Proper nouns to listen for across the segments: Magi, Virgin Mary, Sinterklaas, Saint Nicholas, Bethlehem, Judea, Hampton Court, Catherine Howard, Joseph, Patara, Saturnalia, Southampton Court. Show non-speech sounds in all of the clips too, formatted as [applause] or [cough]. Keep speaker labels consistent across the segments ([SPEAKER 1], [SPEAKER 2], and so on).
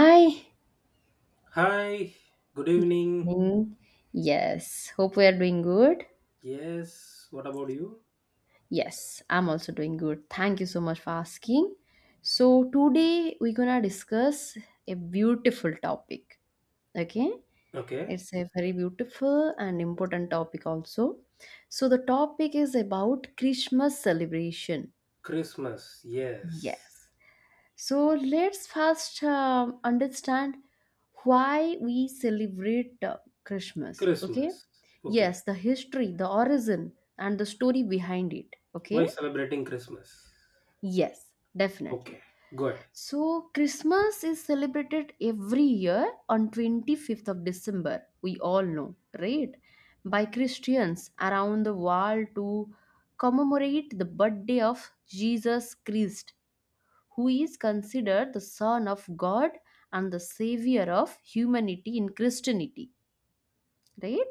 [SPEAKER 1] Hi,
[SPEAKER 2] Hi, good evening.
[SPEAKER 1] Ning. Yes, hope we are doing good.
[SPEAKER 2] Yes, what about you?
[SPEAKER 1] Yes, I'm also doing good. Thank you so much for asking. So, today we're gonna discuss a beautiful topic. Okay,
[SPEAKER 2] Okay,
[SPEAKER 1] it's a very beautiful and important topic, also. So, the topic is about Christmas celebration.
[SPEAKER 2] Christmas.
[SPEAKER 1] Yes.
[SPEAKER 2] Yes,
[SPEAKER 1] So let's first understand why we celebrate Christmas. Okay.
[SPEAKER 2] Christmas. Okay,
[SPEAKER 1] Yes, the history, the origin, and the story behind it.
[SPEAKER 2] why
[SPEAKER 1] Okay.
[SPEAKER 2] celebrating Christmas?
[SPEAKER 1] Yes, definitely.
[SPEAKER 2] Okay, good.
[SPEAKER 1] So Christmas is celebrated every year on 25th of December. We all know, right? By Christians around the world to commemorate the birthday of Jesus Christ, who is considered the son of God and the savior of humanity in Christianity, right?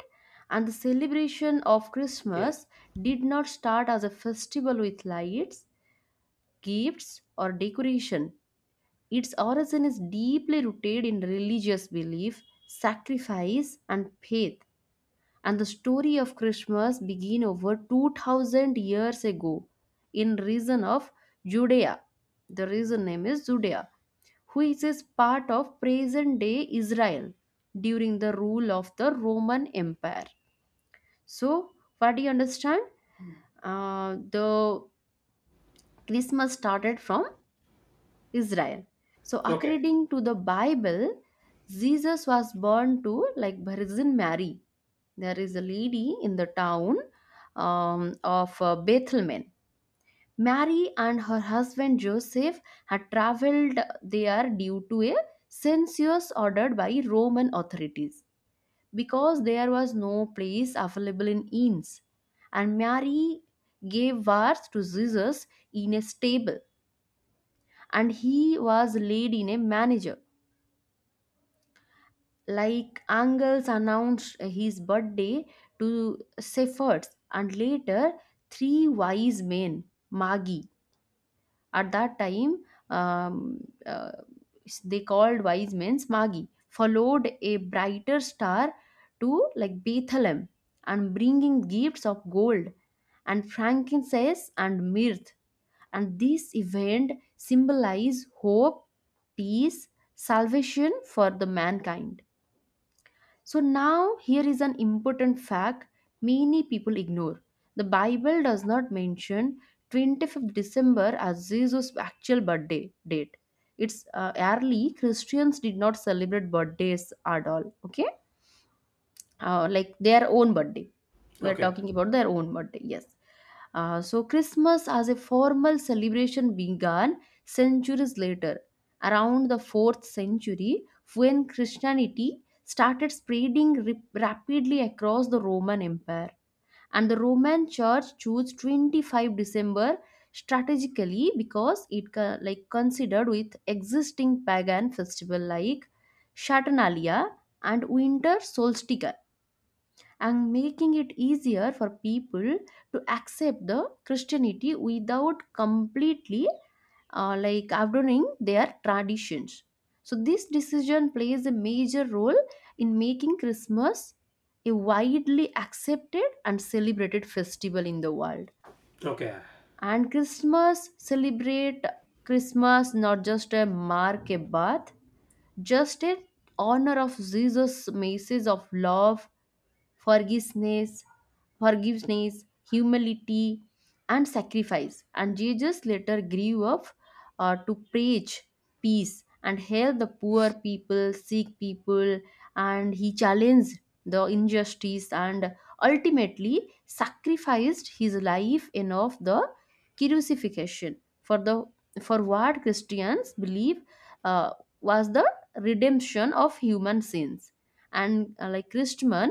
[SPEAKER 1] And the celebration of
[SPEAKER 2] Yes.
[SPEAKER 1] Christmas did not start as a festival with lights, gifts, or decoration. Its origin is deeply rooted in religious belief, sacrifice, and faith. And the story of Christmas began over 2000 years ago in region of Judea. The region name is Judea, which is part of present day Israel, during the rule of the Roman Empire. So, what do you understand? The Christmas started from Israel. So,
[SPEAKER 2] Okay,
[SPEAKER 1] according to the Bible, Jesus was born to like Virgin Mary. There is a lady in the town of Bethlehem. Mary and her husband Joseph had traveled there due to a census ordered by Roman authorities because there was no place available in inns. And Mary gave birth to Jesus in a stable, and he was laid in a manger. Like angels announced his birthday to shepherds, and later three wise men, Magi. At that time, um, uh, they called wise men Magi, followed a brighter star to like Bethlehem and bringing gifts of gold and frankincense and myrrh. And this event symbolize hope, peace, salvation for the mankind. So now here is an important fact many people ignore. The Bible does not mention 25th December as Jesus' actual birthday date. It's early Christians did not celebrate birthdays at all. Okay, like their own birthday. We're
[SPEAKER 2] okay,
[SPEAKER 1] talking about their own birthday, yes. So, Christmas as a formal celebration began centuries later, around the 4th century, when Christianity started spreading rapidly across the Roman Empire. And the Roman Church chose 25th December strategically because it considered with existing pagan festival like Saturnalia and winter solstice, and making it easier for people to accept the Christianity without completely like abandoning their traditions. So this decision plays a major role in making Christmas a widely accepted and celebrated festival in the world.
[SPEAKER 2] okay.
[SPEAKER 1] And Christmas celebrate Christmas not just a mark a birth, just an honor of Jesus' message of love, forgiveness, forgiveness, humility, and sacrifice. And Jesus later grew up to preach peace and help the poor people, sick people, and he challenged the injustice and ultimately sacrificed his life in of the crucifixion for the for what Christians believe uh, was the redemption of human sins, and like Christman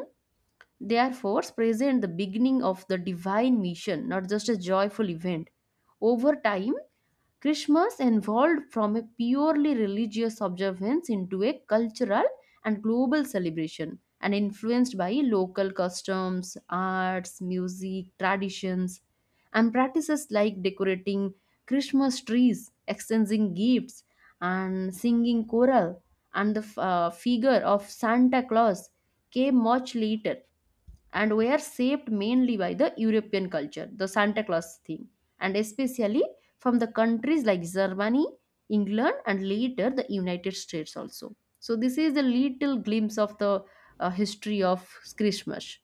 [SPEAKER 1] they are force present the beginning of the divine mission, not just a joyful event. Over time, Christmas evolved from a purely religious observance into a cultural and global celebration and influenced by local customs, arts, music, traditions, and practices like decorating Christmas trees, exchanging gifts, and singing choral, and the figure of Santa Claus came much later and were shaped mainly by the European culture, the Santa Claus theme, and especially from the countries like Germany, England, and later the United States also. So, this is a little glimpse of the history of Christmas.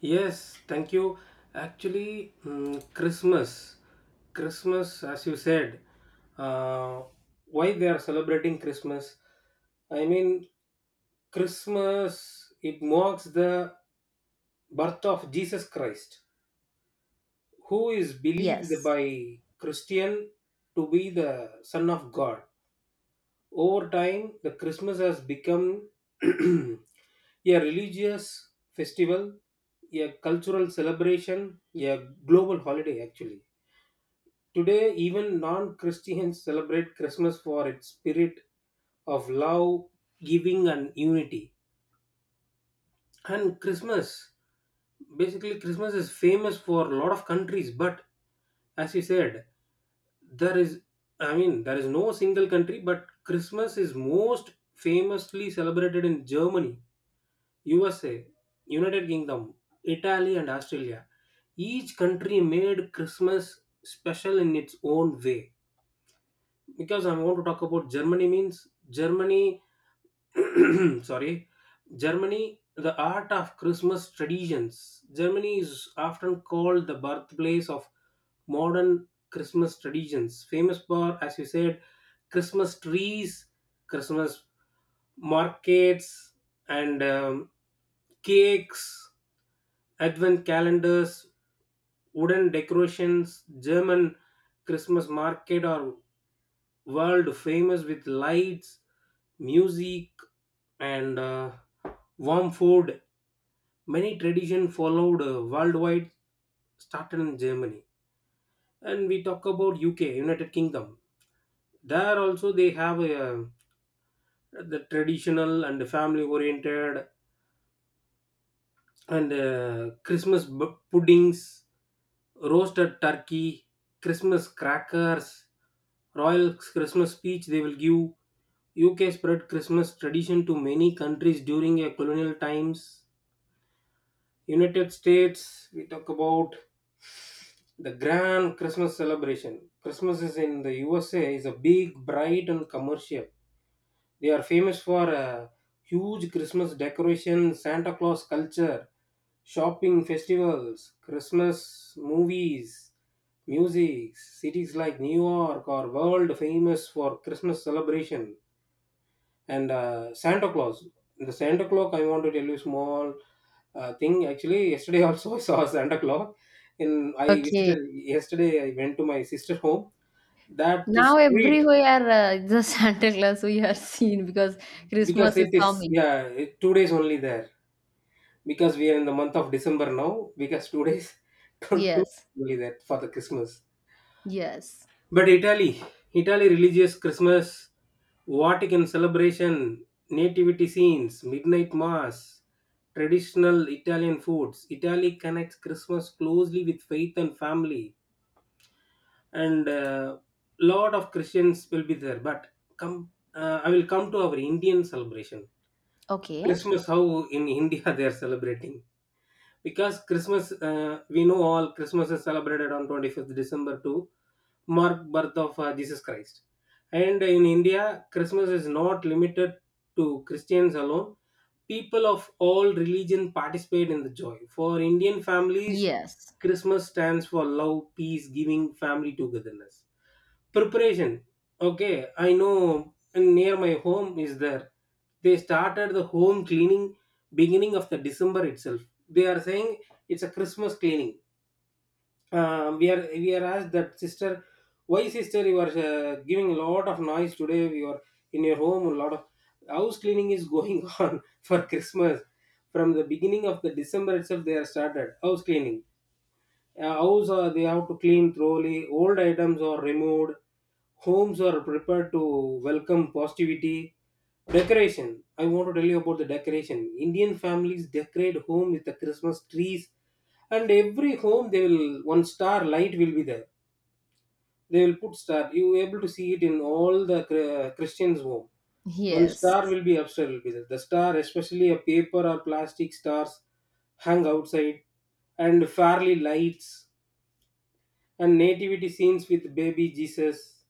[SPEAKER 2] Yes, thank you. Actually, Christmas, as you said, uh, why they are celebrating Christmas? I mean, Christmas, it marks the birth of Jesus Christ, who is believed
[SPEAKER 1] Yes.
[SPEAKER 2] by Christian to be the Son of God. Over time, the Christmas has become [clears throat] a religious festival, a cultural celebration, a global holiday actually. Today, even non Christians celebrate Christmas for its spirit of love, giving, and unity. And Christmas, basically Christmas is famous for a lot of countries, but as you said, there is, I mean, there is no single country, but Christmas is most famously celebrated in Germany, USA, United Kingdom, Italy, and Australia. Each country made Christmas special in its own way. Because I want to talk about Germany, means germany, [clears throat] sorry, Germany, the art of Christmas traditions. Germany is often called the birthplace of modern Christmas traditions, famous for, as you said, Christmas trees, Christmas markets, and cakes, advent calendars, wooden decorations. German Christmas market or world famous with lights, music, and warm food. Many tradition followed worldwide, started in Germany. And we talk about UK, United Kingdom. There also they have a, the traditional and family oriented, and puddings, roasted turkey, Christmas crackers, royal Christmas speech they will give. UK spread Christmas tradition to many countries during a colonial times. United States, we talk about the grand Christmas celebration. Christmas is in the USA is a big, bright, and commercial. They are famous for huge Christmas decoration, Santa Claus culture, shopping festivals, Christmas movies, music. Cities like New York are world famous for Christmas celebration and Santa Claus. The Santa Claus, I want to tell you small thing. Actually, yesterday also [laughs] I saw Santa Claus. In I
[SPEAKER 1] Okay.
[SPEAKER 2] visited yesterday. I went to my sister home. That
[SPEAKER 1] Now,
[SPEAKER 2] street
[SPEAKER 1] everywhere the [laughs] Santa Claus we are seen because
[SPEAKER 2] because
[SPEAKER 1] Christmas is
[SPEAKER 2] it is
[SPEAKER 1] coming.
[SPEAKER 2] yeah it, 2 days only there, because we are in the month of December now, because 2 days, [laughs] two
[SPEAKER 1] Yes.
[SPEAKER 2] only that for the Christmas.
[SPEAKER 1] Yes.
[SPEAKER 2] But Italy, religious Christmas, Vatican celebration, nativity scenes, midnight mass, traditional Italian foods. Italy connects Christmas closely with faith and family, and lot of Christians will be there. But come, I will come to our Indian celebration.
[SPEAKER 1] Okay.
[SPEAKER 2] Christmas, how in India [laughs] they are celebrating. Because Christmas, we know all Christmas is celebrated on 25th December to mark birth of Jesus Christ. And in India, Christmas is not limited to Christians alone. People of all religion participate in the joy. For Indian families,
[SPEAKER 1] Yes.
[SPEAKER 2] Christmas stands for love, peace, giving, family togetherness, preparation. Okay, I know. Near my home is there, they started the home cleaning beginning of the December itself. They are saying it's a Christmas cleaning. We are asked that, sister, why sister you are giving a lot of noise today, you are in your home a lot of house cleaning is going [laughs] on for Christmas. From the beginning of the December itself they are started house cleaning. House, they have to clean thoroughly. Old items are removed. Homes are prepared to welcome positivity. Decoration. I want to tell you about the decoration. Indian families decorate home with the Christmas trees, and every home they will one star light will be there. They will put star. You able to see it in all the Christians' home. One star
[SPEAKER 1] Yes.
[SPEAKER 2] will be upstairs. Will be there. The star, especially a paper or plastic stars, hang outside and fairly lights and nativity scenes with baby Jesus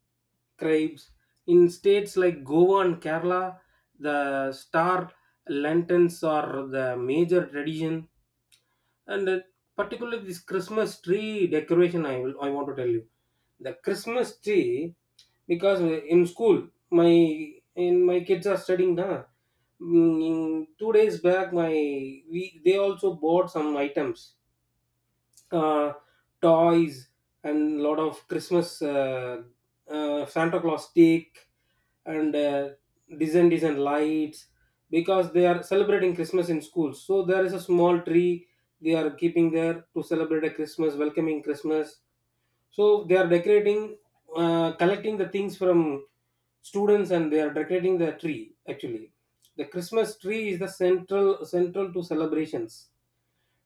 [SPEAKER 2] cribes. In states like Goa and Kerala, the star lanterns are the major tradition, and particularly this Christmas tree decoration. I want to tell you the Christmas tree, because in school my in my kids are studying now. Mm, 2 days back, my we they also bought some items, uh, toys and lot of Christmas, Santa Claus stick and design lights, because they are celebrating Christmas in schools. So there is a small tree they are keeping there to celebrate a Christmas, welcoming Christmas. So they are decorating, collecting the things from students, and they are decorating the tree actually. The Christmas tree is the central to celebrations,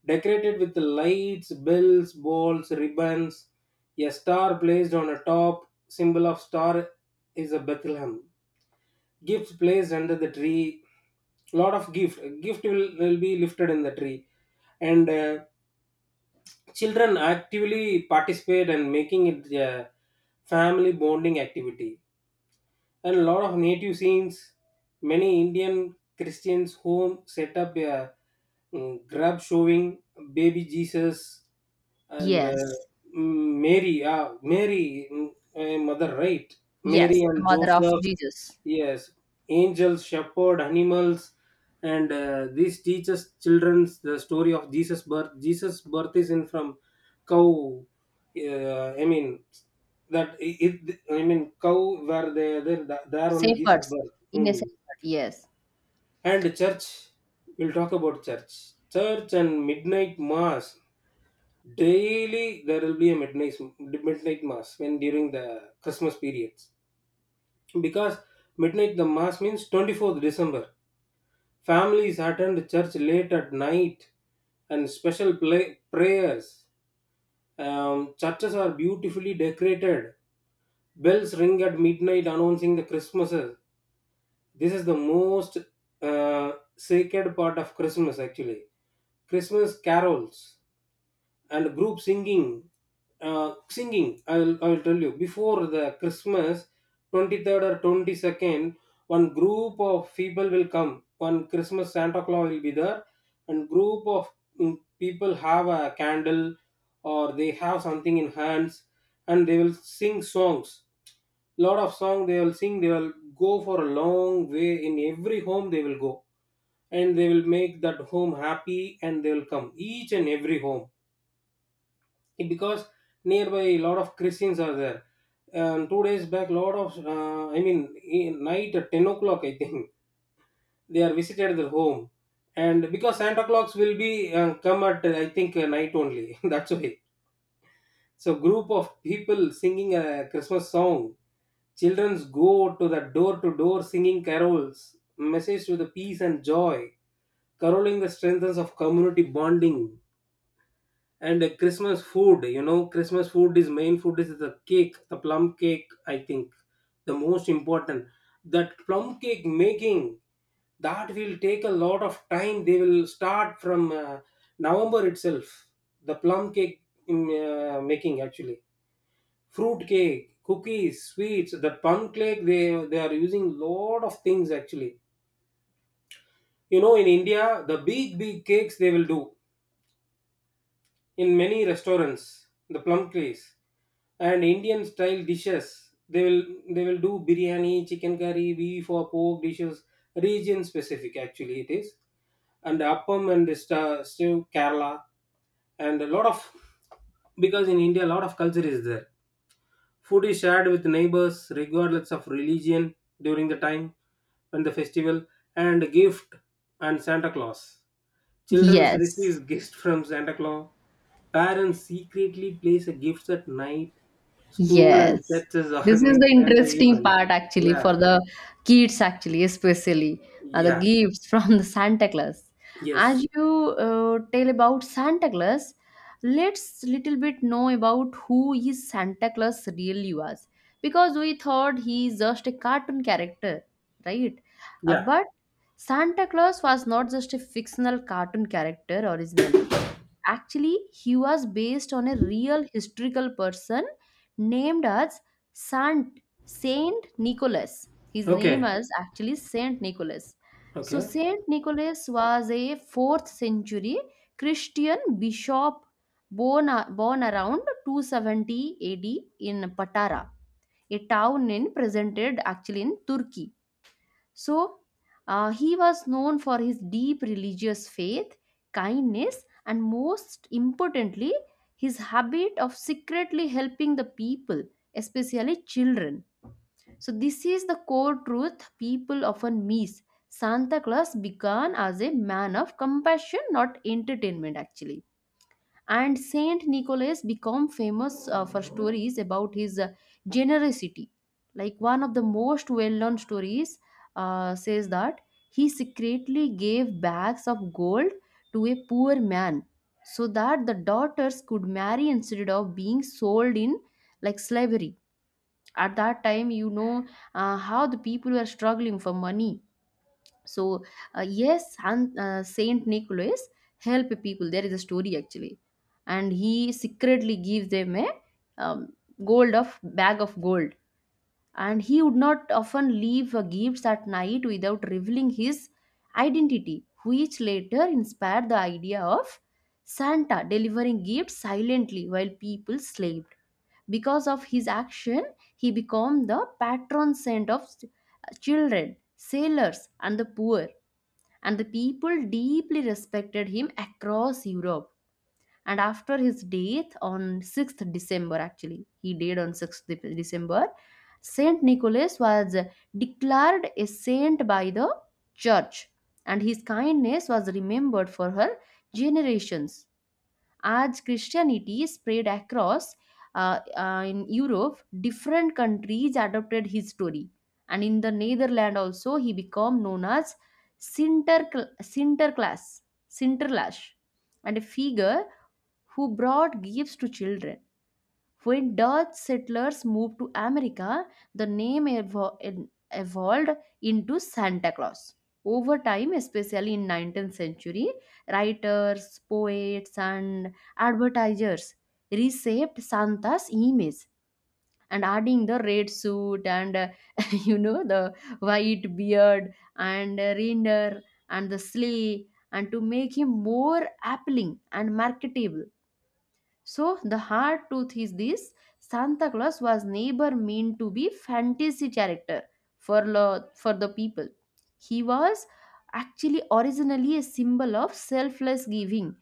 [SPEAKER 2] decorated with lights, bells, balls, ribbons. A star placed on a top, symbol of star, is a Bethlehem. Gifts placed under the tree, lot of gift. Gift will be lifted in the tree, and children actively participate and making it a family bonding activity. And a lot of native scenes. Many Indian Christians who set up a grub showing baby Jesus and
[SPEAKER 1] Yes.
[SPEAKER 2] Mary, Mary, mother, right?
[SPEAKER 1] Yes.
[SPEAKER 2] Mary
[SPEAKER 1] The
[SPEAKER 2] and
[SPEAKER 1] mother of
[SPEAKER 2] Joseph,
[SPEAKER 1] Jesus.
[SPEAKER 2] yes, angels, shepherd, animals, and this teaches children the story of Jesus' birth. Jesus' birth is in from cow. I mean that it. I mean cow where they there only Jesus'
[SPEAKER 1] Shepherds.
[SPEAKER 2] birth.
[SPEAKER 1] In a
[SPEAKER 2] Hmm.
[SPEAKER 1] shepherd. Yes.
[SPEAKER 2] And church, we'll talk about church, church and midnight mass. Daily there will be a midnight mass when during the Christmas periods, because midnight the mass means 24th December. Families attend church late at night and special play, prayers. Churches are beautifully decorated. Bells ring at midnight announcing the Christmases. This is the most uh, sacred part of Christmas, actually. Christmas carols and group singing, singing I'll tell you, before the Christmas 23rd or 22nd one group of people will come, one Christmas Santa Claus will be there, and group of people have a candle or they have something in hands and they will sing songs, lot of song they will sing, they will go for a long way, in every home they will go, and they will make that home happy, and they will come each and every home. Okay, because nearby a lot of Christians are there, and 2 days back lot of I mean in night at 10 o'clock I think [laughs] they are visited their home, and because Santa Claus will be come at I think night only, [laughs] that's why. So group of people singing a Christmas song, childrens go to the door to door singing carols, message to the peace and joy, caroling the strengths of community bonding. And Christmas food, you know Christmas food is main food is the cake, the plum cake I think the most important. That plum cake making, that will take a lot of time, they will start from November itself, the plum cake, making actually, fruit cake, cookies, sweets. The plum cake they are using lot of things actually. You know in India the big big cakes they will do, in many restaurants the plum craze. And Indian style dishes they will they will do biryani, chicken curry, beef or pork dishes, region specific actually it is. And appam and stew, Kerala. And a lot of, because in India a lot of culture is there, food is shared with neighbors regardless of religion during the time when the festival, and gift and Santa Claus, children receives
[SPEAKER 1] Yes.
[SPEAKER 2] gifts from Santa Claus. Parents secretly place a gifts at night. School and
[SPEAKER 1] Yes.
[SPEAKER 2] churches [laughs]
[SPEAKER 1] This is
[SPEAKER 2] organize
[SPEAKER 1] the
[SPEAKER 2] Santa
[SPEAKER 1] interesting
[SPEAKER 2] events.
[SPEAKER 1] part
[SPEAKER 2] [laughs]
[SPEAKER 1] actually
[SPEAKER 2] Yeah,
[SPEAKER 1] for the kids actually, especially the
[SPEAKER 2] yeah,
[SPEAKER 1] gifts [laughs] from the Santa Claus. As
[SPEAKER 2] yes,
[SPEAKER 1] you tell about Santa Claus, let's little bit know about who is Santa Claus really was, because we thought he is just a cartoon character, right? Uh,
[SPEAKER 2] yeah.
[SPEAKER 1] but Santa Claus was not just a fictional cartoon character originally. Actually, he was based on a real historical person named as Saint Nicholas. His name
[SPEAKER 2] Okay,
[SPEAKER 1] is actually Saint Nicholas. So
[SPEAKER 2] okay,
[SPEAKER 1] Saint Nicholas was a 4th century Christian bishop, born around 270 AD in Patara, a town in presented actually in Turkey. So, he was known for his deep religious faith, kindness, and most importantly, his habit of secretly helping the people, especially children. So, this is the core truth people often miss. Santa Claus began as a man of compassion, not entertainment, actually, and Saint Nicholas became famous for stories about his generosity. Like, one of the most well-known stories says that he secretly gave bags of gold to a poor man so that the daughters could marry instead of being sold in like slavery at that time. You know how the people were struggling for money. So yes, Saint Nicholas help people. There is a story actually, and he secretly gives them a um, gold of bag of gold. And he would not often leave gifts at night without revealing his identity, which later inspired the idea of Santa delivering gifts silently while people slept. Because of his action, he became the patron saint of children, sailors, and the poor, and the people deeply respected him across Europe. And after his death on 6th December, actually, he died on December. Saint Nicholas was declared a saint by the church, and his kindness was remembered for her generations. As Christianity spread across in Europe, different countries adopted his story, and in the Netherlands also he became known as Sinterklaas, Sinterklaas, and a figure who brought gifts to children. When Dutch settlers moved to America, the name evolved into Santa Claus. Over time, especially in 19th century, writers, poets, and advertisers reshaped Santa's image, and adding the red suit and [laughs] the white beard and reindeer and the sleigh, and to make him more appealing and marketable. So the hard truth is this: Santa Claus was never meant to be fantasy character for the people. He was actually originally a symbol of selfless giving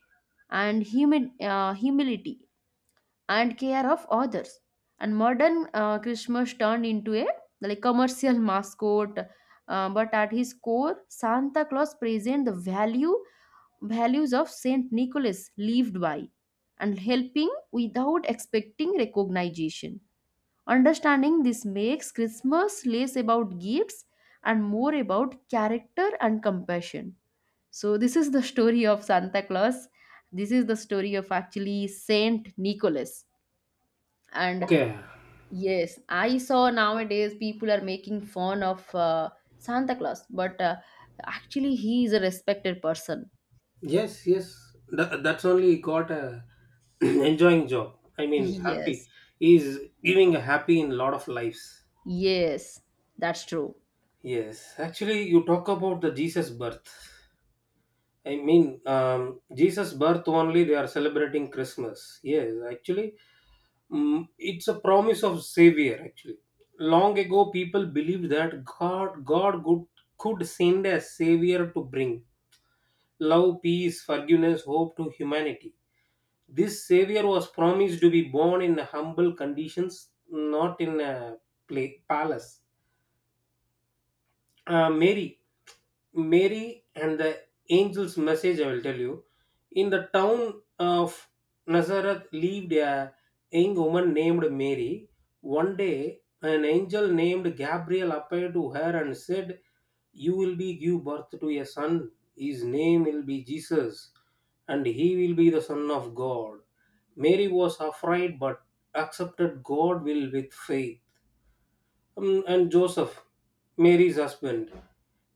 [SPEAKER 1] and humility and care of others. And modern Christmas turned into a like commercial [laughs] mascot, but at his core, Santa Claus present the values of Saint Nicholas lived by, and helping without expecting recognition. Understanding this makes Christmas less about gifts and more about character and compassion. So, this is the story of Santa Claus. This is the story of actually Saint Nicholas. And
[SPEAKER 2] okay.
[SPEAKER 1] yes, I saw nowadays people are making fun of Santa Claus, but actually, he is a respected person.
[SPEAKER 2] Yes, yes. That's only got a [clears throat] enjoying job. I
[SPEAKER 1] [laughs]
[SPEAKER 2] mean, happy.
[SPEAKER 1] Yes.
[SPEAKER 2] He is giving a happy in lot of lives.
[SPEAKER 1] Yes, that's true.
[SPEAKER 2] Yes, actually, you talk about the Jesus birth. I mean, Jesus birth only they are celebrating Christmas. Yes, actually, it's a promise of savior actually. Long ago people believed that God could send a savior to bring love, peace, forgiveness, hope to humanity. This savior was promised to be born in humble conditions, not in a pla palace. Mary, and the angel's message. I will tell you. In the town of Nazareth lived a young woman named Mary. One day, an angel named Gabriel appeared to her and said, "You will be give birth to a son. His name will be Jesus, and he will be the son of God." Mary was afraid, but accepted God will with faith. And Joseph, Mary's husband.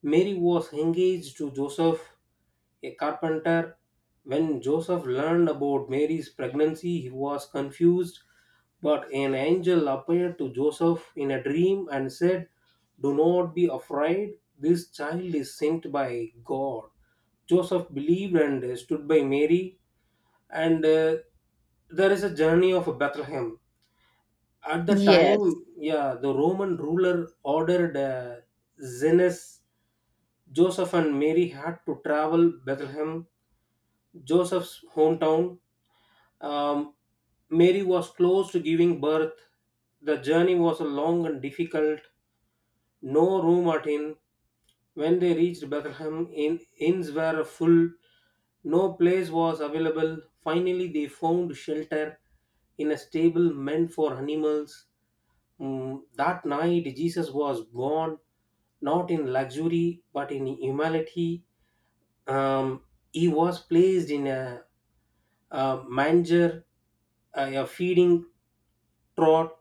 [SPEAKER 2] Mary was engaged to Joseph, a carpenter. When Joseph learned about Mary's pregnancy, he was confused, but an angel appeared to Joseph in a dream and said, "Do not be afraid, this child is sent by God." Joseph believed and stood by Mary, and there is a journey of Bethlehem. At the
[SPEAKER 1] Yes,
[SPEAKER 2] time, yeah, the Roman ruler ordered Zenas, Joseph, and Mary had to travel Bethlehem, Joseph's hometown. Um, Mary was close to giving birth. The journey was long and difficult. No room at inn. When they reached Bethlehem, inns were full. No place was available. Finally, they found shelter in a stable meant for animals. That night, Jesus was born not in luxury but in humility. Um, he was placed in a manger, a feeding trough,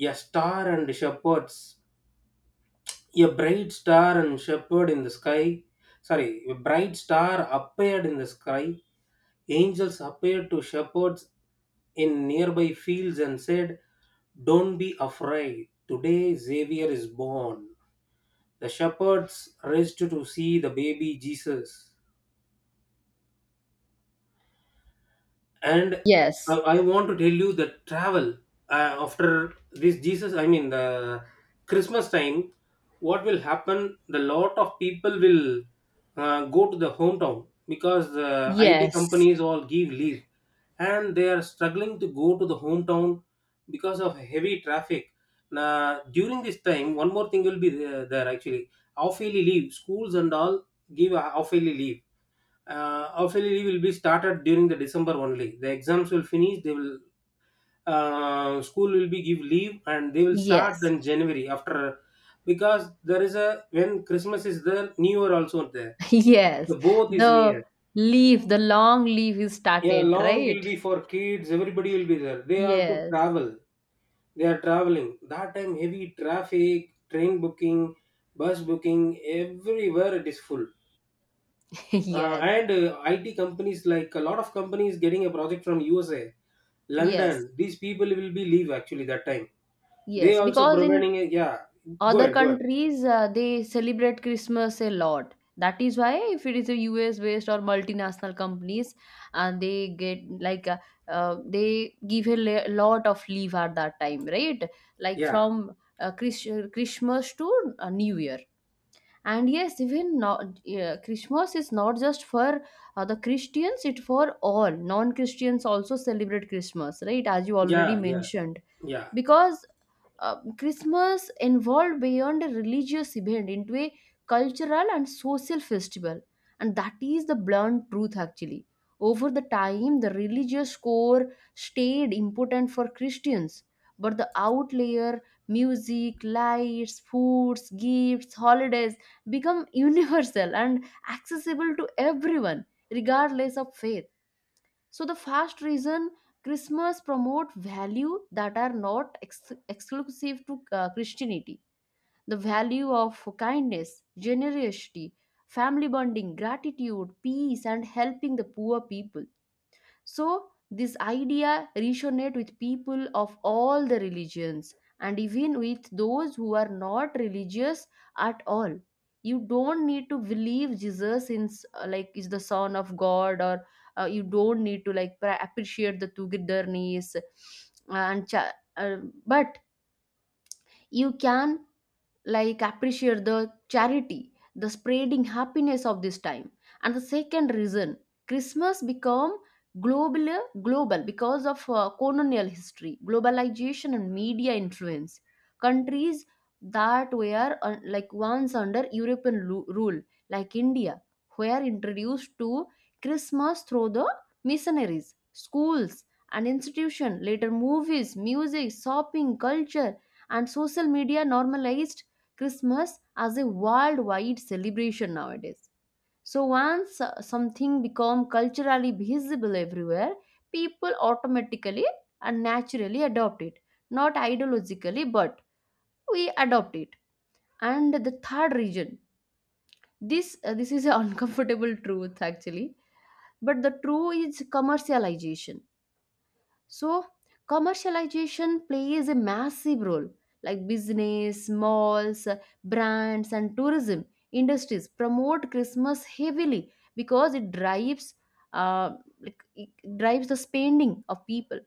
[SPEAKER 2] a star and shepherds, a bright star and shepherd in the sky. Sorry, a bright star appeared in the sky. Angels appeared to shepherds in nearby fields and said, "Don't be afraid, today Xavier is born." The shepherds rushed to see the baby Jesus. And I,
[SPEAKER 1] yes,
[SPEAKER 2] I want to tell you that travel after this Jesus, I mean the Christmas time, what will happen? The lot of people will go to the hometown because the IT
[SPEAKER 1] yes,
[SPEAKER 2] companies all give leave, and they are struggling to go to the hometown because of heavy traffic. Now, during this time, one more thing will be there, there actually. Half yearly leave, schools and all give a half yearly leave officially will be started during the December only. The exams will finish. They will school will be give leave and they will start
[SPEAKER 1] yes,
[SPEAKER 2] in January after because there is a when Christmas is there, New Year also there.
[SPEAKER 1] [laughs] yes.
[SPEAKER 2] The both is
[SPEAKER 1] The
[SPEAKER 2] near.
[SPEAKER 1] leaf, the long leaf is
[SPEAKER 2] Yeah,
[SPEAKER 1] started,
[SPEAKER 2] long will
[SPEAKER 1] right?
[SPEAKER 2] be for kids. Everybody will be there. They have to
[SPEAKER 1] Yes,
[SPEAKER 2] travel. They are traveling. That time heavy traffic, train booking, bus booking, everywhere it is full.
[SPEAKER 1] [laughs]
[SPEAKER 2] uh,
[SPEAKER 1] yes,
[SPEAKER 2] and uh, IT companies like a lot of companies getting a project from USA,
[SPEAKER 1] yes,
[SPEAKER 2] London. These people will be leave actually that time. They
[SPEAKER 1] yes.
[SPEAKER 2] also
[SPEAKER 1] Because in
[SPEAKER 2] providing a yeah. Go
[SPEAKER 1] other
[SPEAKER 2] ahead, go ahead.
[SPEAKER 1] countries, they celebrate Christmas a lot. That is why if it is a US based or multinational companies, and they get they give a lot of leave at that time, right? Like
[SPEAKER 2] Yeah,
[SPEAKER 1] from Christmas to New Year. And yes, even not yeah, Christmas is not just for the Christians; it for all non-Christians also celebrate Christmas, right? As you already
[SPEAKER 2] yeah, yeah,
[SPEAKER 1] mentioned,
[SPEAKER 2] yeah.
[SPEAKER 1] because Christmas evolved beyond a religious event into a cultural and social festival. And that is the blunt truth actually. Over the time, the religious core stayed important for Christians, but the outlayer, music, lights, foods, gifts, holidays become [laughs] universal and accessible to everyone, regardless of faith. So the first reason: Christmas promote value that are not exclusive to Christianity. The value of kindness, generosity, family bonding, gratitude, peace, and helping the poor people. So this idea resonates with people of all the religions and even with those who are not religious at all. You don't need to believe Jesus in like is the son of God, or you don't need to like pra- appreciate the togetherness and but you can like appreciate the charity, the spreading happiness of this time. And the second reason: Christmas become global because of colonial history, globalization, and media influence. Countries that were like once under European rule like India were introduced to Christmas through the missionaries, schools, and institution. Later movies, music, shopping culture, and social media normalized Christmas as a worldwide celebration nowadays. So once something become culturally visible everywhere, people automatically and naturally adopt it. Not ideologically, but we adopt it. And the third reason, this is an [laughs] uncomfortable truth actually, but the true is commercialization. So, commercialization plays a massive role, like business, malls, brands, and tourism industries promote Christmas heavily because it drives the spending of people.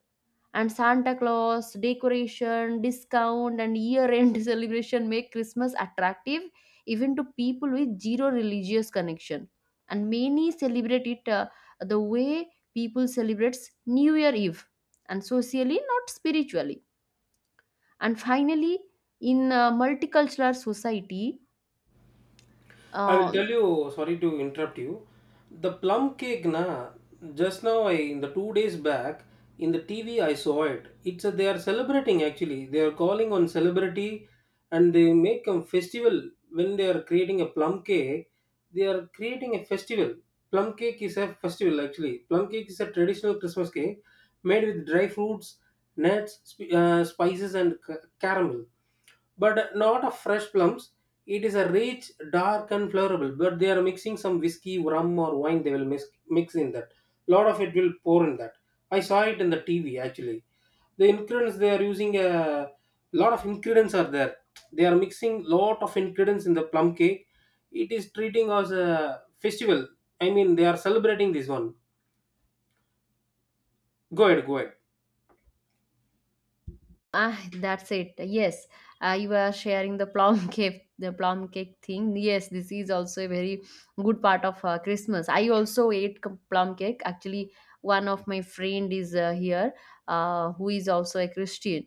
[SPEAKER 1] And Santa Claus, decoration, discount, and year end [laughs] celebration make Christmas attractive even to people with zero religious connection. And many celebrate it the way people celebrates New Year Eve, and socially, not spiritually. And finally, in a multicultural society,
[SPEAKER 2] I will
[SPEAKER 1] uh,
[SPEAKER 2] tell you, sorry to interrupt you. The plum cake, na, just now, I, in the two days back, in the TV, I saw it. It's a, they are celebrating actually. They are calling on celebrity and they make a festival when they are creating a plum cake. They are creating a festival. Plum cake is a festival actually. Plum cake is a traditional Christmas cake made with dry fruits, nuts, spices, and caramel but not a fresh plums. It is a rich, dark, and flavorable. But they are mixing some whiskey, rum, or wine. They will mix in that. Lot of it will pour in that. I saw it in the TV actually. The ingredients they are using a lot of ingredients are there. They are mixing lot of ingredients in the plum cake. It is treating as a festival. I mean, they are celebrating this one. Go ahead, go ahead.
[SPEAKER 1] Ah, that's it. Yes, you were sharing the plum [laughs] cake, the plum cake thing. Yes, this is also a very good part of Christmas. I also ate plum cake. Actually, one of my friend is here, who is also a Christian,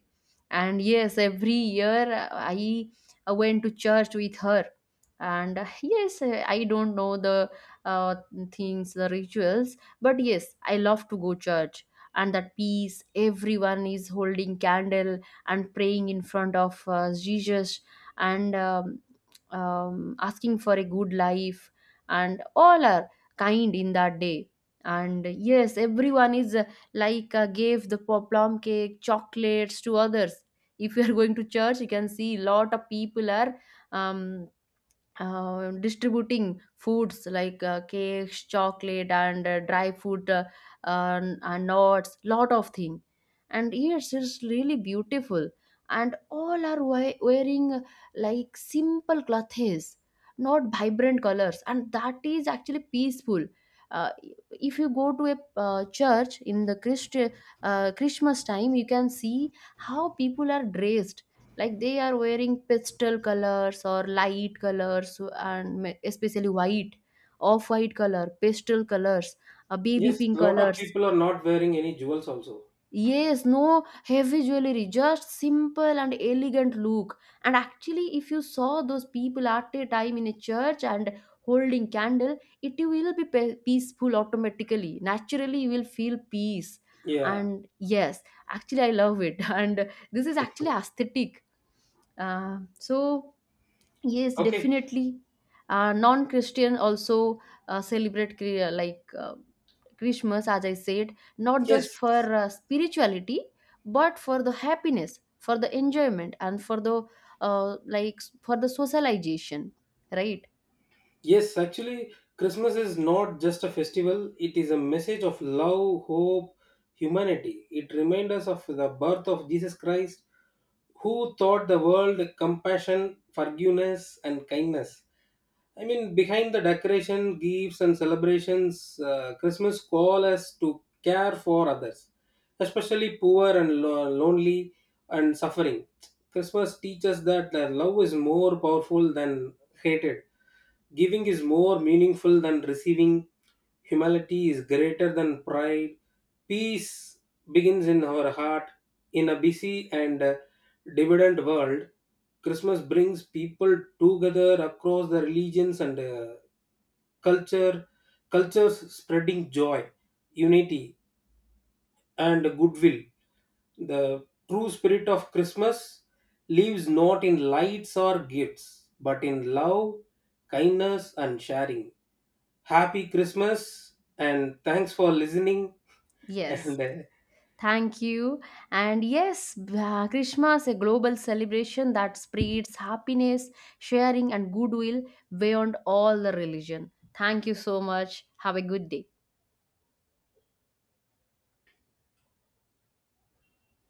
[SPEAKER 1] and yes, every year I went to church with her. And yes, I don't know the uh, things, the rituals, but yes, I love to go church. And that peace, everyone is holding candle and praying in front of Jesus and asking for a good life, and all are kind in that day. And yes, everyone is gave the plum cake, chocolates to others. If you are [laughs] going to church, you can see lot of people are um, distributing foods like cakes, chocolate, and dry food, and nuts, lot of thing. And yes, it's really beautiful, and all are wearing simple clothes, not vibrant colors, and that is actually peaceful. uh, if you go to a church in the Christmas time, you can see how people are dressed, like they are wearing pastel colors or light colors, and especially white, off white color, pastel colors, baby
[SPEAKER 2] Yes,
[SPEAKER 1] pink
[SPEAKER 2] lot of
[SPEAKER 1] colors.
[SPEAKER 2] people are not wearing any jewels also.
[SPEAKER 1] Yes, no heavy jewelry, just simple and elegant look. And actually if you saw those people at a time in a church and holding candle, it will be peaceful automatically, naturally you will feel peace.
[SPEAKER 2] Yeah.
[SPEAKER 1] And yes, actually I love it. [laughs] And this is actually aesthetic, uh, so Yes,
[SPEAKER 2] Okay.
[SPEAKER 1] definitely. Non-Christian also celebrate Christmas, as I said, not just
[SPEAKER 2] Yes.
[SPEAKER 1] for spirituality, but for the happiness, for the enjoyment, and uh, like for the socialization, right?
[SPEAKER 2] Yes, actually, Christmas is not just a festival, it is a message of love, hope, humanity. It reminds us of the birth of Jesus Christ, who taught the world compassion, forgiveness, and kindness. I mean, behind the decoration, gifts, and celebrations, Christmas calls us to care for others, especially poor and lonely and suffering. Christmas teaches that the love is more powerful than hated. Giving is more meaningful than receiving. Humility is greater than pride. Peace begins in our heart. In a busy and dividend world, Christmas brings people together across the religions and culture, cultures spreading joy, unity, and goodwill. The true spirit of Christmas lives not in lights or gifts, but in love, kindness, and sharing. Happy Christmas, and thanks for listening. [laughs]
[SPEAKER 1] Yes.
[SPEAKER 2] And
[SPEAKER 1] Thank you. And yes, Christmas, a global celebration that spreads happiness, sharing, and goodwill beyond all the religion. Thank you so much. Have a good day.